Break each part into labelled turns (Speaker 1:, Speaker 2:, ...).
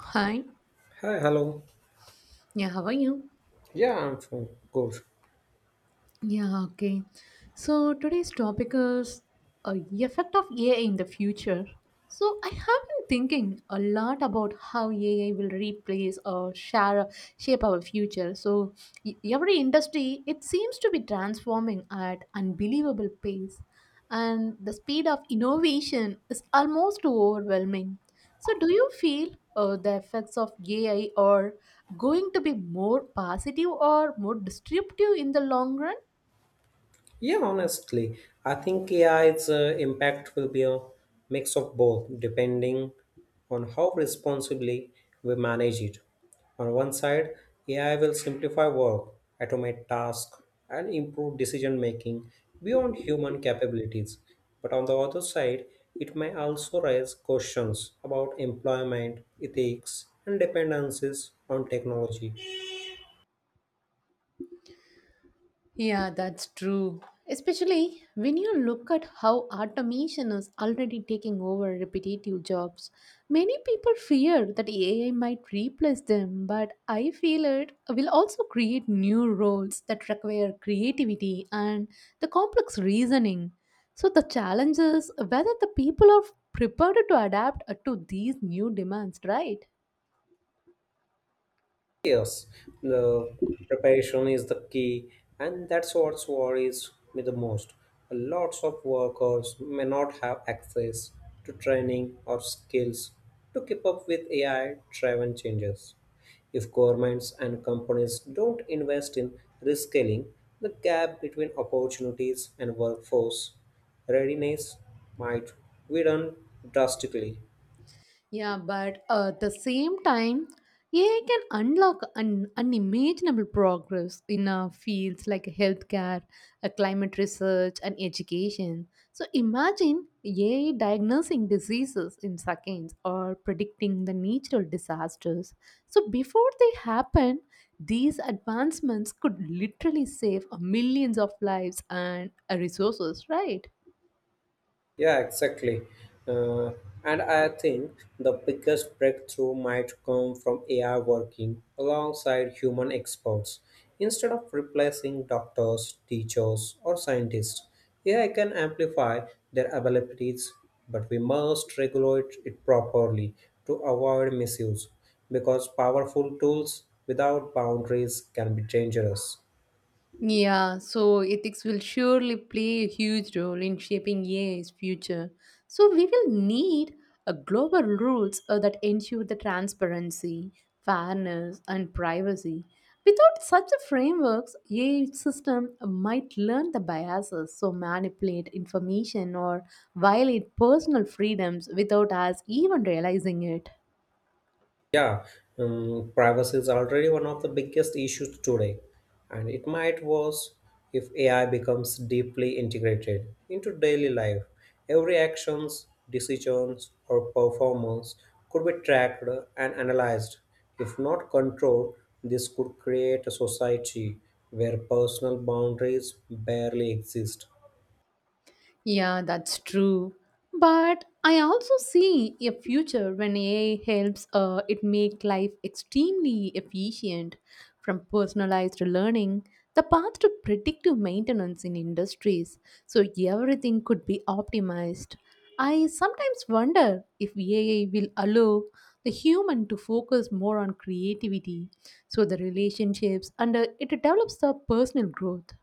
Speaker 1: Hi.
Speaker 2: Hi, hello.
Speaker 1: Yeah, how are you?
Speaker 2: Yeah, I'm fine. Good.
Speaker 1: Yeah, okay. So today's topic is uh, effect of AI in the future. So I have been thinking a lot about how AI will replace or share shape our future. So every industry it seems to be transforming at unbelievable pace, and the speed of innovation is almost overwhelming. So do you feel the effects of AI are going to be more positive or more disruptive in the long run?
Speaker 2: Yeah, honestly, I think AI's impact will be a mix of both, depending on how responsibly we manage it. On one side, AI will simplify work, automate tasks, and improve decision making beyond human capabilities. But on the other side, it may also raise questions about employment, ethics, and dependencies on technology.
Speaker 1: Yeah, that's true. Especially when you look at how automation is already taking over repetitive jobs. Many people fear that AI might replace them, but I feel it will also create new roles that require creativity and the complex reasoning. So the challenge is whether the people are prepared to adapt to these new demands, right?
Speaker 2: Yes, the preparation is the key, and that's what worries me the most. Lots of workers may not have access to training or skills to keep up with AI driven changes. If governments and companies don't invest in reskilling, the gap between opportunities and workforce readiness might widen drastically.
Speaker 1: Yeah, but at the same time, AI can unlock unimaginable progress in fields like healthcare, climate research, and education. So imagine AI diagnosing diseases in seconds or predicting the natural disasters. So before they happen, these advancements could literally save millions of lives and resources, right?
Speaker 2: Yeah, exactly. Uh, and I think the biggest breakthrough might come from AI working alongside human experts. Instead of replacing doctors, teachers, or scientists, AI can amplify their abilities, but we must regulate it properly to avoid misuse because powerful tools without boundaries can be dangerous.
Speaker 1: Yeah, so ethics will surely play a huge role in shaping AI's future. So we will need a global rules that ensure the transparency, fairness, and privacy. Without such a frameworks, AI system might learn the biases, so manipulate information or violate personal freedoms without us even realizing it.
Speaker 2: Yeah, privacy is already one of the biggest issues today, and it might worse if AI becomes deeply integrated into daily life. Every actions, decisions, or performance could be tracked and analyzed. If not controlled, this could create a society where personal boundaries barely exist.
Speaker 1: Yeah, that's true. But I also see a future when AI helps it make life extremely efficient. From personalized learning, the path to predictive maintenance in industries, so everything could be optimized. I sometimes wonder if AI will allow the human to focus more on creativity, so the relationships, and it develops the personal growth.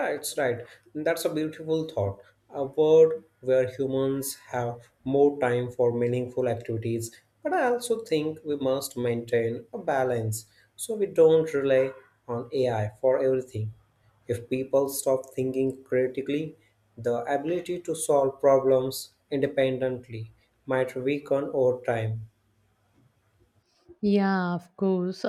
Speaker 2: Yeah, it's right. That's a beautiful thought. A world where humans have more time for meaningful activities. But I also think we must maintain a balance so we don't rely on AI for everything. If people stop thinking critically, the ability to solve problems independently might weaken over time.
Speaker 1: Yeah, of course.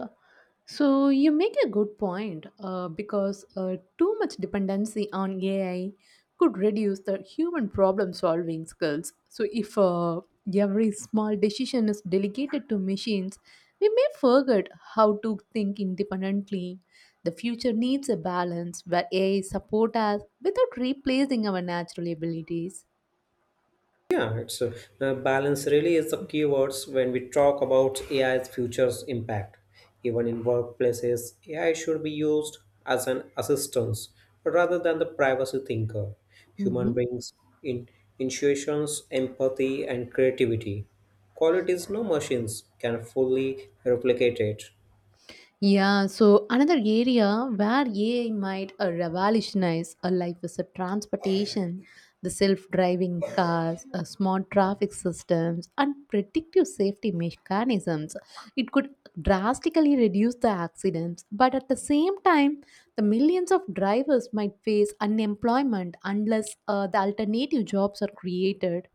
Speaker 1: So you make a good point because too much dependency on AI could reduce the human problem solving skills. So if every small decision is delegated to machines, we may forget how to think independently. The future needs a balance where AI support us without replacing our natural abilities.
Speaker 2: Yeah, it's balance really is the keywords when we talk about AI's future's impact. Even in workplaces, AI should be used as an assistance rather than the privacy thinker. Human
Speaker 1: Mm-hmm.
Speaker 2: brings in intuitions, empathy, and creativity. Qualities no machines can fully replicate it.
Speaker 1: Yeah, so another area where AI might revolutionize a life is a transportation, the self-driving cars, smart traffic systems, and predictive safety mechanisms. It could drastically reduce the accidents, but at the same time, the millions of drivers might face unemployment unless the alternative jobs are created.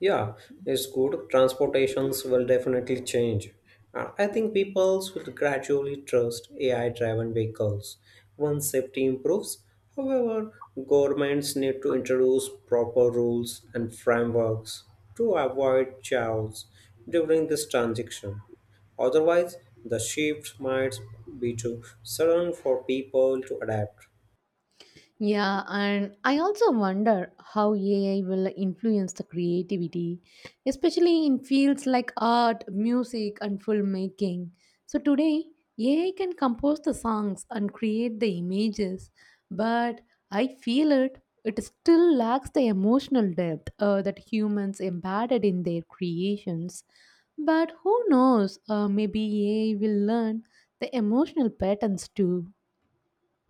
Speaker 2: Yeah, it's good. Transportations will definitely change. I think people will gradually trust AI-driven vehicles once safety improves. However, governments need to introduce proper rules and frameworks to avoid chaos during this transition. Otherwise, the shift might be too sudden for people to adapt.
Speaker 1: Yeah, and I also wonder how AI will influence the creativity, especially in fields like art, music, and filmmaking. So today, AI can compose the songs and create the images, but I feel it still lacks the emotional depth that humans embedded in their creations. But who knows? Maybe AI will learn the emotional patterns too.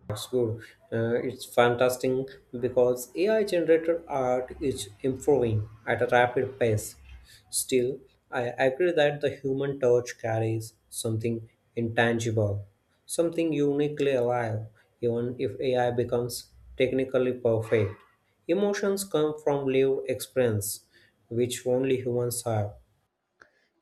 Speaker 2: That's good. It's fantastic because AI generated art is improving at a rapid pace. Still, I agree that the human touch carries something intangible, something uniquely alive, even if AI becomes technically perfect. Emotions come from lived experience, which only humans have.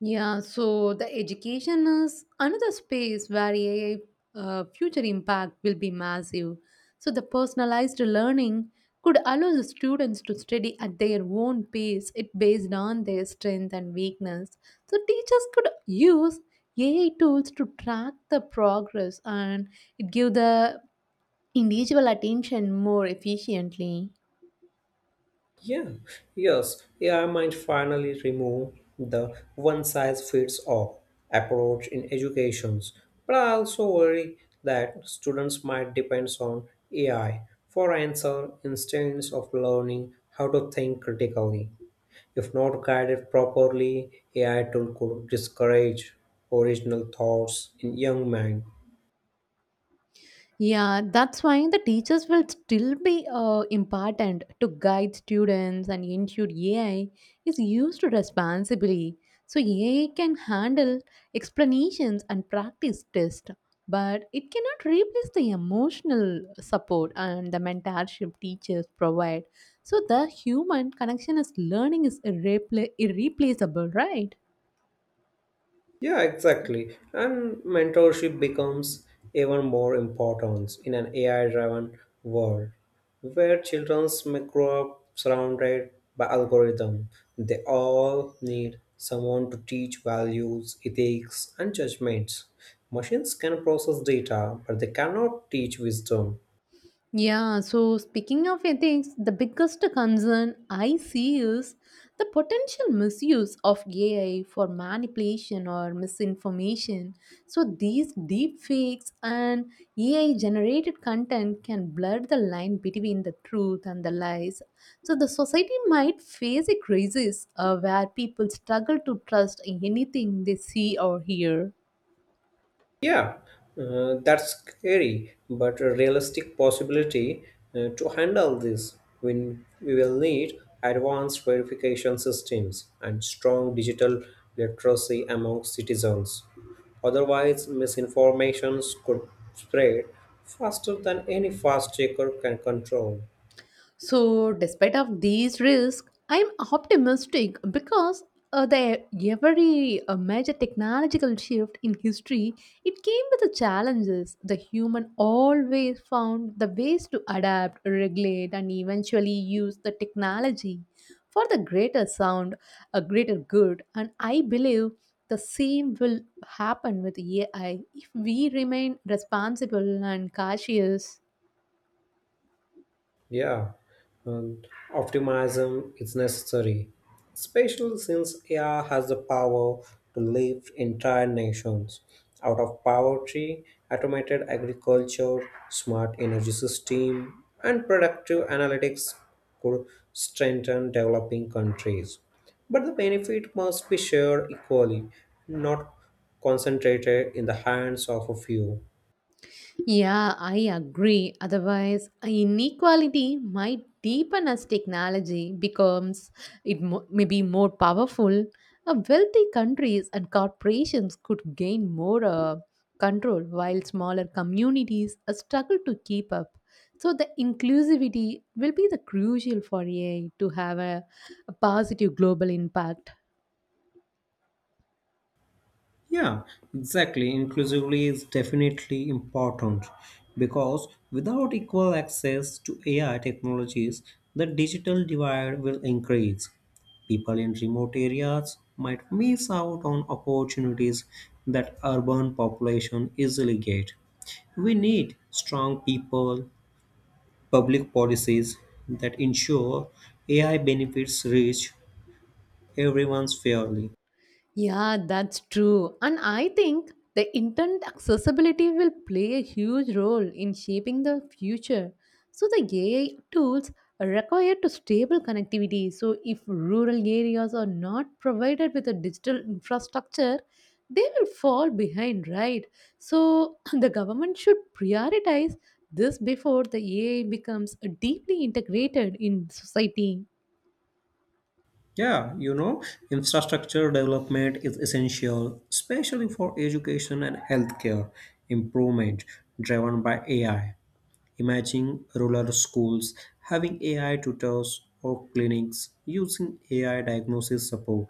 Speaker 1: Yeah, so the education is another space where AI future impact will be massive. So the personalized learning could allow the students to study at their own pace, it based on their strength and weakness. So teachers could use AI tools to track the progress and it give the individual attention more efficiently.
Speaker 2: Yeah, yes, AI might finally remove the one size fits all approach in educations, but I also worry that students might depend on AI for answer instead of learning how to think critically. If not guided properly, AI tool could discourage original thoughts in young minds.
Speaker 1: Yeah, that's why the teachers will still be important to guide students and ensure AI is used responsibly. So AI can handle explanations and practice tests, but it cannot replace the emotional support and the mentorship teachers provide. So the human connection is learning is irreplaceable, right?
Speaker 2: Yeah, exactly. And mentorship becomes even more important in an AI driven world where children may grow up surrounded by algorithms. They all need someone to teach values, ethics, and judgments. Machines can process data, but they cannot teach wisdom.
Speaker 1: Yeah, so speaking of ethics, the biggest concern I see is the potential misuse of AI for manipulation or misinformation. So these deep fakes and AI generated content can blur the line between the truth and the lies. So the society might face a crisis where people struggle to trust anything they see or hear.
Speaker 2: Yeah, that's scary, but a realistic possibility to handle this when we will need advanced verification systems and strong digital literacy among citizens. Otherwise, misinformation could spread faster than any fast checker can control.
Speaker 1: So, despite of these risks, I'm optimistic because the every major technological shift in history, it came with the challenges. The human always found the ways to adapt, regulate, and eventually use the technology for the a greater good. And I believe the same will happen with AI if we remain responsible and cautious.
Speaker 2: Yeah, and optimism is necessary, especially since AI has the power to lift entire nations out of poverty, automated agriculture, smart energy system, and productive analytics could strengthen developing countries. But the benefit must be shared equally, not concentrated in the hands of a few.
Speaker 1: Yeah, I agree. Otherwise, inequality might deepen as technology becomes it may be more powerful. Wealthy countries and corporations could gain more control, while smaller communities struggle to keep up. So, the inclusivity will be the crucial for AI to have a positive global impact.
Speaker 2: Yeah, exactly. Inclusively is definitely important because without equal access to AI technologies, the digital divide will increase. People in remote areas might miss out on opportunities that urban population easily get. We need strong people, public policies that ensure AI benefits reach everyone fairly.
Speaker 1: Yeah, that's true. And I think the internet accessibility will play a huge role in shaping the future. So the AI tools are required to stable connectivity. So if rural areas are not provided with a digital infrastructure, they will fall behind, right? So the government should prioritize this before the AI becomes deeply integrated in society.
Speaker 2: Yeah, you know, infrastructure development is essential, especially for education and healthcare improvement driven by AI. Imagine rural schools having AI tutors or clinics using AI diagnosis support.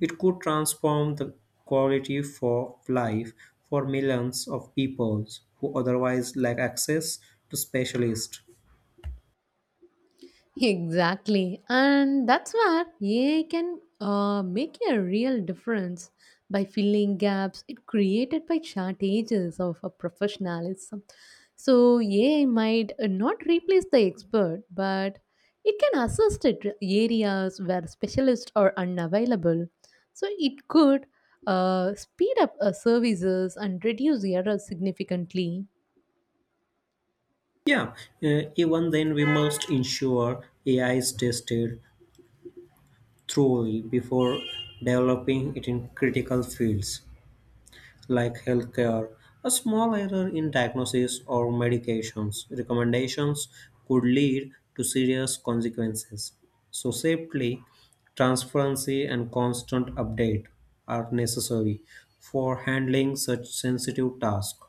Speaker 2: It could transform the quality for life for millions of people who otherwise lack access to specialists.
Speaker 1: Exactly. And that's where AI can make a real difference by filling gaps it created by shortages of a professionalism. So AI might not replace the expert, but it can assist it areas where specialists are unavailable. So it could speed up services and reduce errors significantly.
Speaker 2: Yeah, even then we must ensure AI is tested thoroughly before developing it in critical fields like healthcare. A small error in diagnosis or medications recommendations could lead to serious consequences. So, safely, transparency, and constant update are necessary for handling such sensitive tasks.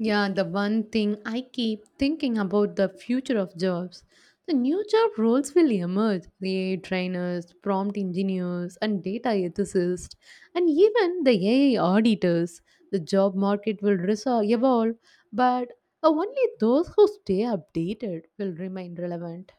Speaker 1: Yeah, the one thing I keep thinking about the future of jobs. The new job roles will emerge the AI trainers, prompt engineers, and data ethicists, and even the AI auditors. The job market will evolve, but only those who stay updated will remain relevant.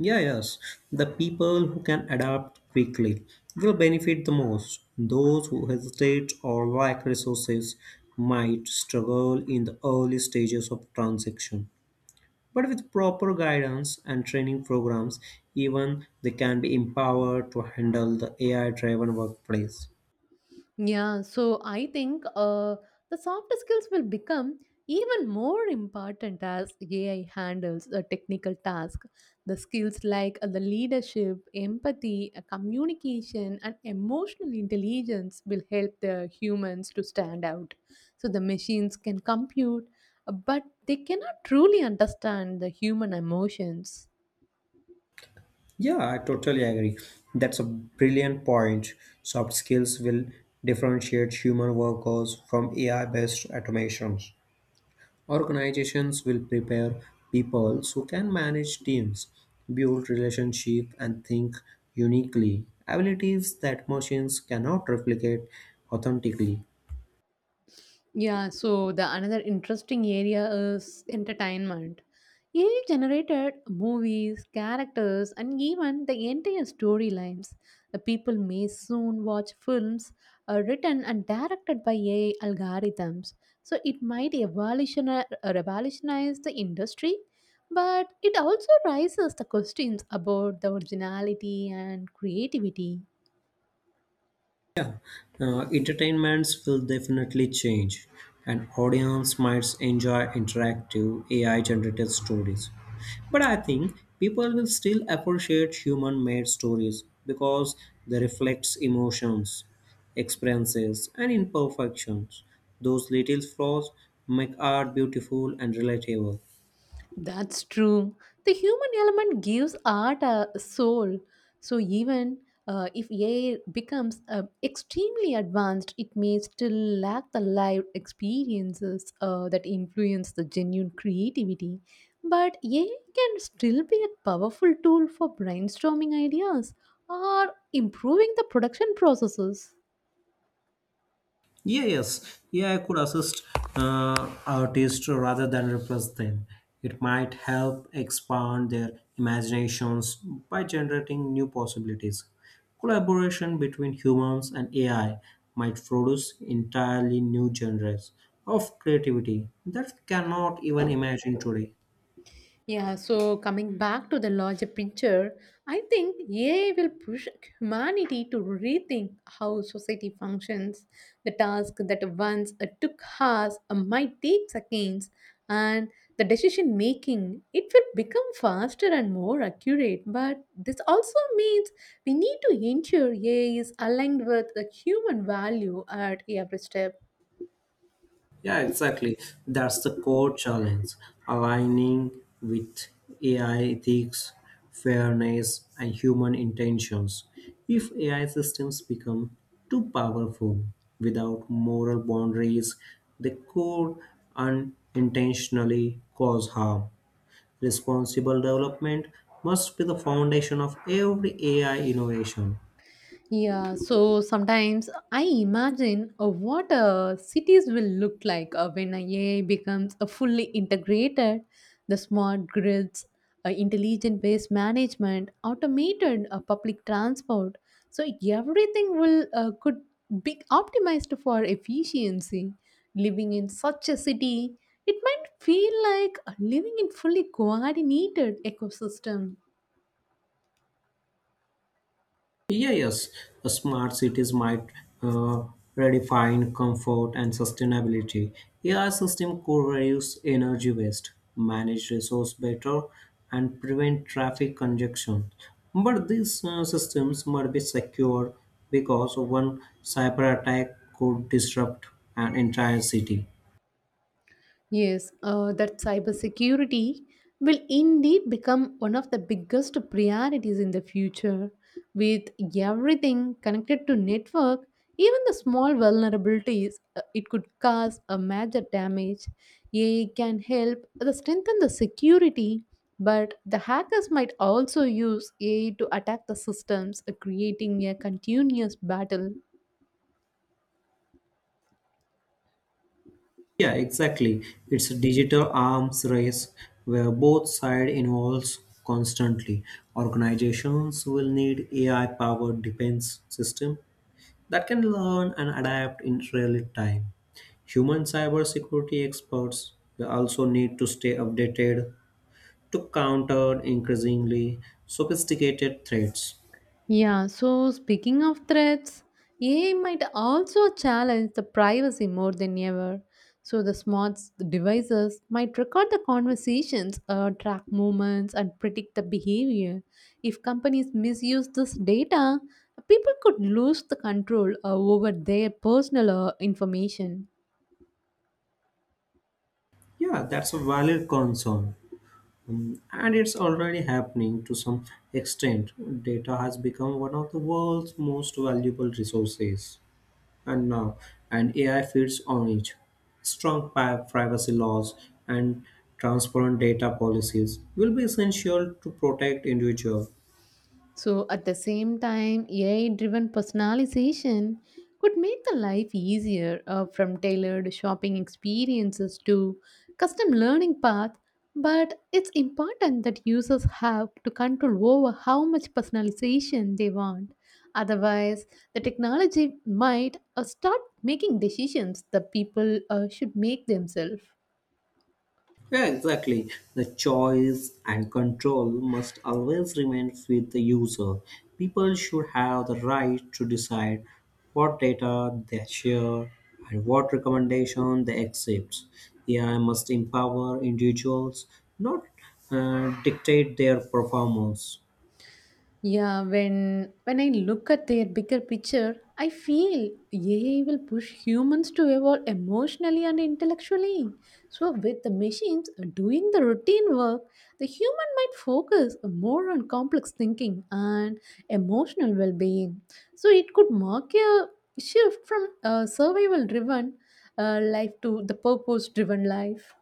Speaker 2: Yeah, yes. The people who can adapt quickly will benefit the most. Those who hesitate or lack resources might struggle in the early stages of transition. But with proper guidance and training programs, even they can be empowered to handle the AI driven workplace.
Speaker 1: Yeah, so I think the soft skills will become even more important as AI handles the technical task. The skills like the leadership, empathy, communication, and emotional intelligence will help the humans to stand out. So the machines can compute, but they cannot truly understand the human emotions.
Speaker 2: Yeah, I totally agree. That's a brilliant point. Soft skills will differentiate human workers from AI based automations. Organizations will prepare people who can manage teams, build relationships, and think uniquely, abilities that machines cannot replicate authentically.
Speaker 1: Yeah, so the another interesting area is entertainment. AI generated movies, characters, and even the entire storylines. The people may soon watch films written and directed by AI algorithms. So it might revolutionize the industry, but it also raises the questions about the originality and creativity.
Speaker 2: Entertainments will definitely change, and audience might enjoy interactive AI-generated stories. But I think people will still appreciate human-made stories because they reflect emotions, experiences, and imperfections. Those little flaws make art beautiful and relatable.
Speaker 1: That's true. The human element gives art a soul. So even if AI becomes extremely advanced, it may still lack the live experiences that influence the genuine creativity. But AI can still be a powerful tool for brainstorming ideas or improving the production processes.
Speaker 2: Yeah, yes. Yeah, I could assist uh, artists rather than replace them. It might help expand their imaginations by generating new possibilities. Collaboration between humans and AI might produce entirely new genres of creativity that we cannot even imagine today.
Speaker 1: Yeah, so coming back to the larger picture, I think AI will push humanity to rethink how society functions. The task that once took hours might take seconds, and the decision making it will become faster and more accurate. But this also means we need to ensure AI is aligned with the human value at every step.
Speaker 2: Yeah, exactly. That's the core challenge aligning with AI ethics, fairness, and human intentions. If AI systems become too powerful without moral boundaries, they could unintentionally cause harm. Responsible development must be the foundation of every AI innovation.
Speaker 1: Yeah, so sometimes I imagine what cities will look like when AI becomes fully integrated. The smart grids, intelligent waste management, automated public transport. So everything will could be optimized for efficiency. Living in such a city, it might feel like living in fully coordinated ecosystem.
Speaker 2: Yeah, yes, smart cities might uh, redefine comfort and sustainability. AI system could reduce energy waste, manage resource better, and prevent traffic congestion. But these systems must be secure because one cyber attack could disrupt an entire city.
Speaker 1: Yes, that cybersecurity will indeed become one of the biggest priorities in the future. With everything connected to network, even the small vulnerabilities, it could cause a major damage. AI can help the strengthen the security, but the hackers might also use AI to attack the systems, creating a continuous battle.
Speaker 2: Yeah, exactly. It's a digital arms race where both sides involves constantly. Organizations will need AI-powered defense system that can learn and adapt in real time. Human cybersecurity experts will also need to stay updated to counter increasingly sophisticated threats.
Speaker 1: Yeah, so speaking of threats, AI might also challenge the privacy more than ever. So the smart devices might record the conversations, track movements, and predict the behavior. If companies misuse this data, people could lose the control over their personal information.
Speaker 2: Yeah, that's a valid concern. Mm, and it's already happening to some extent. Data has become one of the world's most valuable resources. And now, and AI feeds on it. Strong privacy laws and transparent data policies will be essential to protect individuals.
Speaker 1: So, at the same time, AI driven personalization could make the life easier from tailored shopping experiences to custom learning path, but it's important that users have to control over how much personalization they want. Otherwise, the technology might start making decisions that people should make themselves.
Speaker 2: Yeah, exactly. The choice and control must always remain with the user. People should have the right to decide what data they share and what recommendation they accept. AI must empower individuals, not dictate their performance.
Speaker 1: Yeah, when I look at their bigger picture, I feel AI will push humans to evolve emotionally and intellectually. So with the machines doing the routine work, the human might focus more on complex thinking and emotional well-being. So it could mark a shift from a survival-driven life to the purpose-driven life.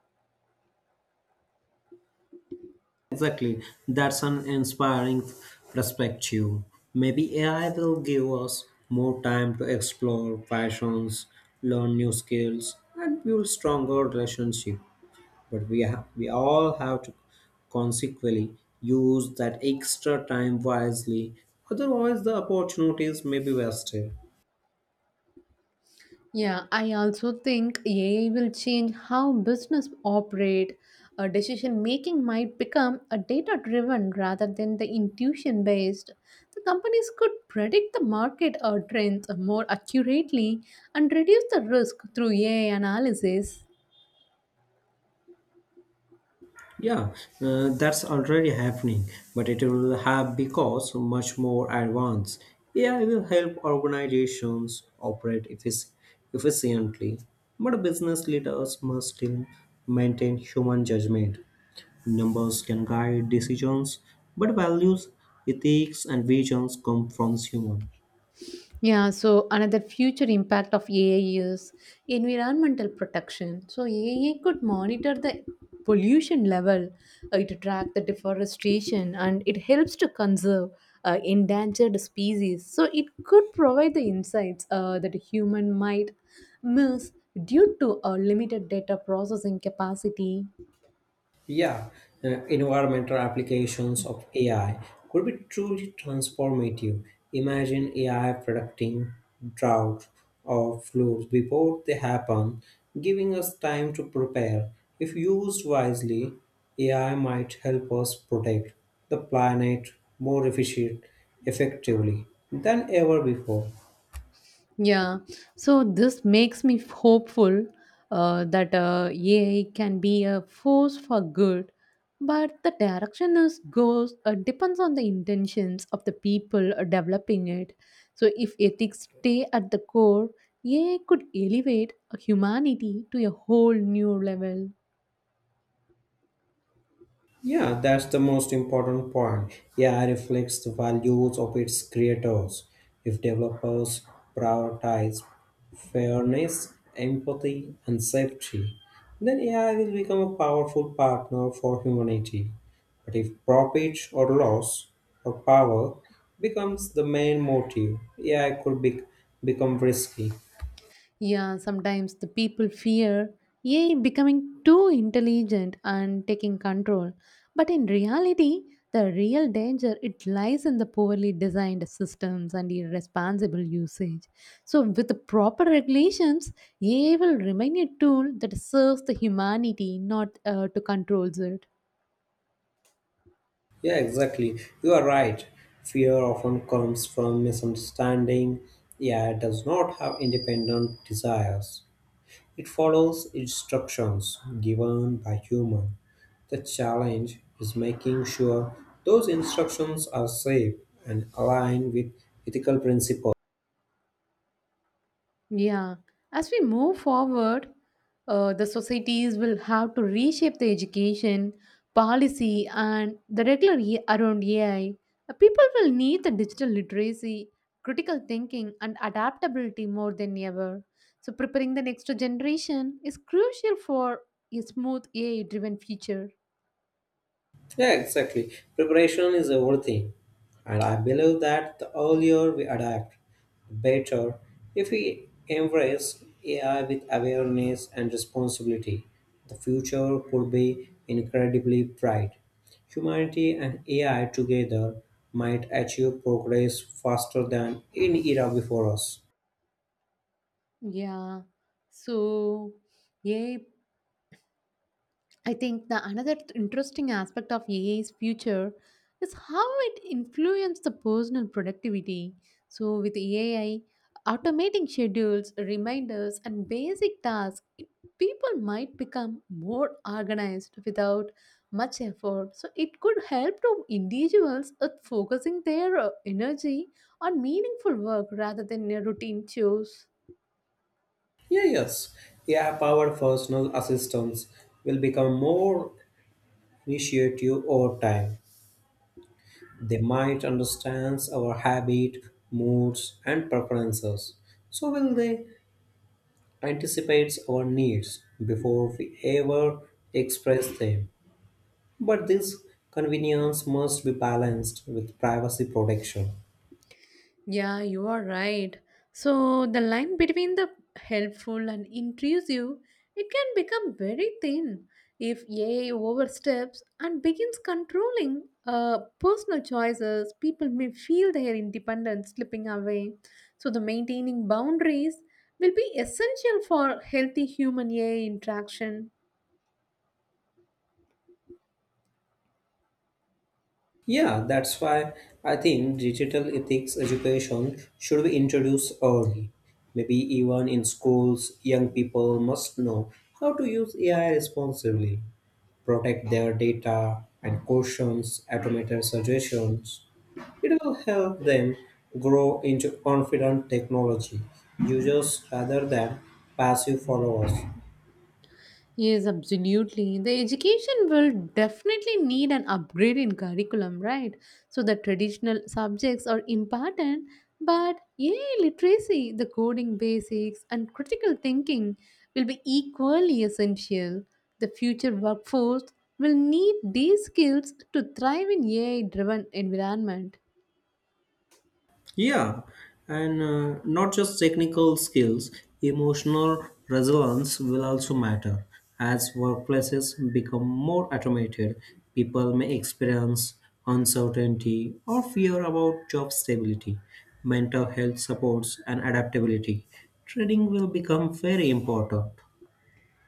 Speaker 2: Exactly. That's an inspiring perspective. Maybe AI will give us more time to explore passions, learn new skills, and build stronger relationships. But we all have to consequently use that extra time wisely. Otherwise, the opportunities may be wasted.
Speaker 1: Yeah, I also think AI will change how business operate. A decision making might become a data driven rather than the intuition based. The companies could predict the market or trends more accurately and reduce the risk through AI analysis.
Speaker 2: Yeah, that's already happening, but it will have because much more advanced. AI will help organizations efficiently, but business leaders must still maintain human judgment. Numbers can guide decisions, but values, ethics, and visions come from human.
Speaker 1: Yeah, so another future impact of AI is environmental protection. So AI could monitor the pollution level, it track the deforestation, and it helps to conserve endangered species. So it could provide the insights that a human might miss due to a limited data processing capacity.
Speaker 2: Yeah, environmental applications of AI could be truly transformative. Imagine AI predicting drought or floods before they happen, giving us time to prepare. If used wisely, AI might help us protect the planet more efficient, effectively than ever before.
Speaker 1: Yeah, so this makes me hopeful that AI can be a force for good, but the direction is goes depends on the intentions of the people developing it. So if ethics stay at the core, AI could elevate humanity to a whole new level.
Speaker 2: Yeah, that's the most important point. AI reflects the values of its creators. If developers prioritize fairness, empathy, and safety, then AI will become a powerful partner for humanity. But if profit or loss or power becomes the main motive, become risky.
Speaker 1: Yeah, sometimes the people fear AI becoming too intelligent and taking control. But in reality, the real danger it lies in the poorly designed systems and irresponsible usage. So with the proper regulations, AI will remain a tool that serves the humanity, not to controls it.
Speaker 2: Yeah, exactly. You are right. Fear often comes from misunderstanding. Yeah, it does not have independent desires. It follows instructions given by human. The challenge is making sure those instructions are safe and aligned with ethical principles.
Speaker 1: Yeah, as we move forward, the societies will have to reshape the education, policy, and the regular around AI. People will need the digital literacy, critical thinking, and adaptability more than ever. So, preparing the next generation is crucial for a smooth AI driven future.
Speaker 2: Yeah, exactly. Preparation is everything. And I believe that the earlier we adapt, the better. If we embrace AI with awareness and responsibility, the future could be incredibly bright. Humanity and AI together might achieve progress faster than any era before us.
Speaker 1: Yeah, so yeah. I think the another interesting aspect of AI's future is how it influences the personal productivity. So with AI, automating schedules, reminders, and basic tasks, people might become more organized without much effort. So it could help to individuals at focusing their energy on meaningful work rather than a routine chores.
Speaker 2: Yeah, yes. AI powered personal assistants will become more initiative over time. They might understand our habit, moods, and preferences. So will they anticipate our needs before we ever express them. But this convenience must be balanced with privacy protection.
Speaker 1: Yeah, you are right. So the line between the helpful and intrusive, it can become very thin if AI oversteps and begins controlling personal choices. People may feel their independence slipping away. So the maintaining boundaries will be essential for healthy human AI interaction.
Speaker 2: Yeah, that's why I think digital ethics education should be introduced early. Maybe even in schools, young people must know how to use AI responsibly, protect their data, and questions automated suggestions. It will help them grow into confident technology users rather than passive followers.
Speaker 1: Yes, absolutely. The education will definitely need an upgrade in curriculum, right? So the traditional subjects are important, but yeah, literacy, the coding basics, and critical thinking will be equally essential. The future workforce will need these skills to thrive in AI driven environment.
Speaker 2: Yeah, and not just technical skills, emotional resilience will also matter. As workplaces become more automated, people may experience uncertainty or fear about job stability. Mental health supports and adaptability. Training will become very important.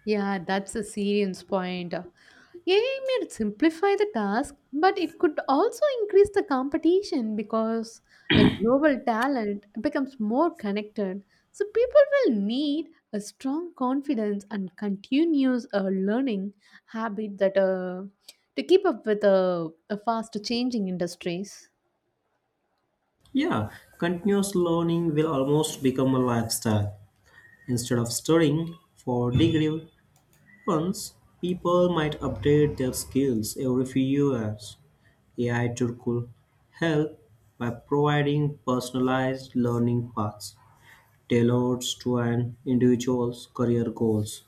Speaker 1: Yeah, that's a serious point. AI may simplify the task, but it could also increase the competition because the global talent becomes more connected. So people will need a strong confidence and continuous learning habit that to keep up with a fast changing industries.
Speaker 2: Yeah, continuous learning will almost become a lifestyle instead of studying for degree once, people might update their skills every few years. AI tool could help by providing personalized learning paths tailored to an individual's career goals.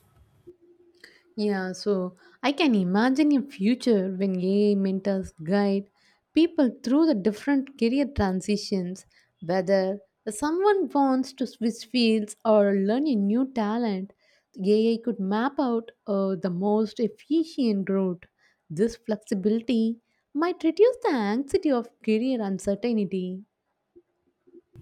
Speaker 1: Yeah, so I can imagine a future when AI mentors guide people through the different career transitions, whether someone wants to switch fields or learn a new talent, AI could map out the most efficient route. This flexibility might reduce the anxiety of career uncertainty.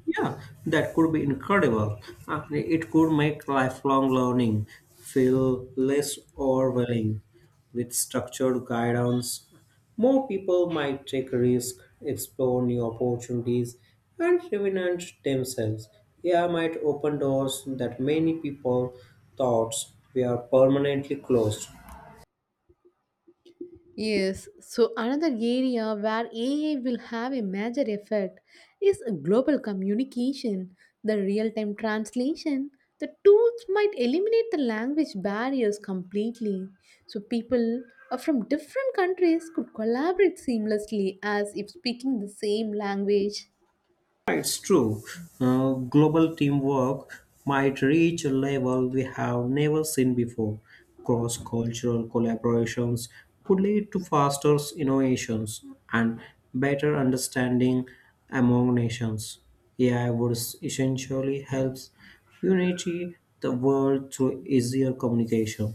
Speaker 2: Yeah, that could be incredible. It could make lifelong learning feel less overwhelming with structured guidance. More people might take risks, explore new opportunities, and reinvent themselves. AI might open doors that many people thought were permanently closed.
Speaker 1: Yes, so another area where AI will have a major effect is global communication, the real time translation. The tools might eliminate the language barriers completely, so people from different countries could collaborate seamlessly as if speaking the same language.
Speaker 2: It's true. Global teamwork might reach a level we have never seen before. Cross cultural collaborations could lead to faster innovations and better understanding among nations. AI would essentially helps unity the world through easier communication.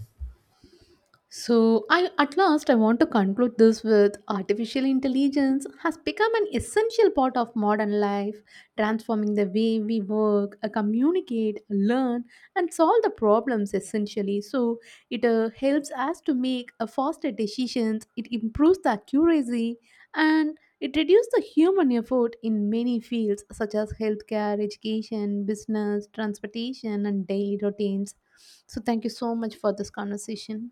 Speaker 1: So, I at last I want to conclude this with artificial intelligence has become an essential part of modern life, transforming the way we work, communicate, learn, and solve the problems essentially. So, it helps us to make faster decisions, it improves the accuracy, and it reduces the human effort in many fields such as healthcare, education, business, transportation, and daily routines. So, thank you so much for this conversation.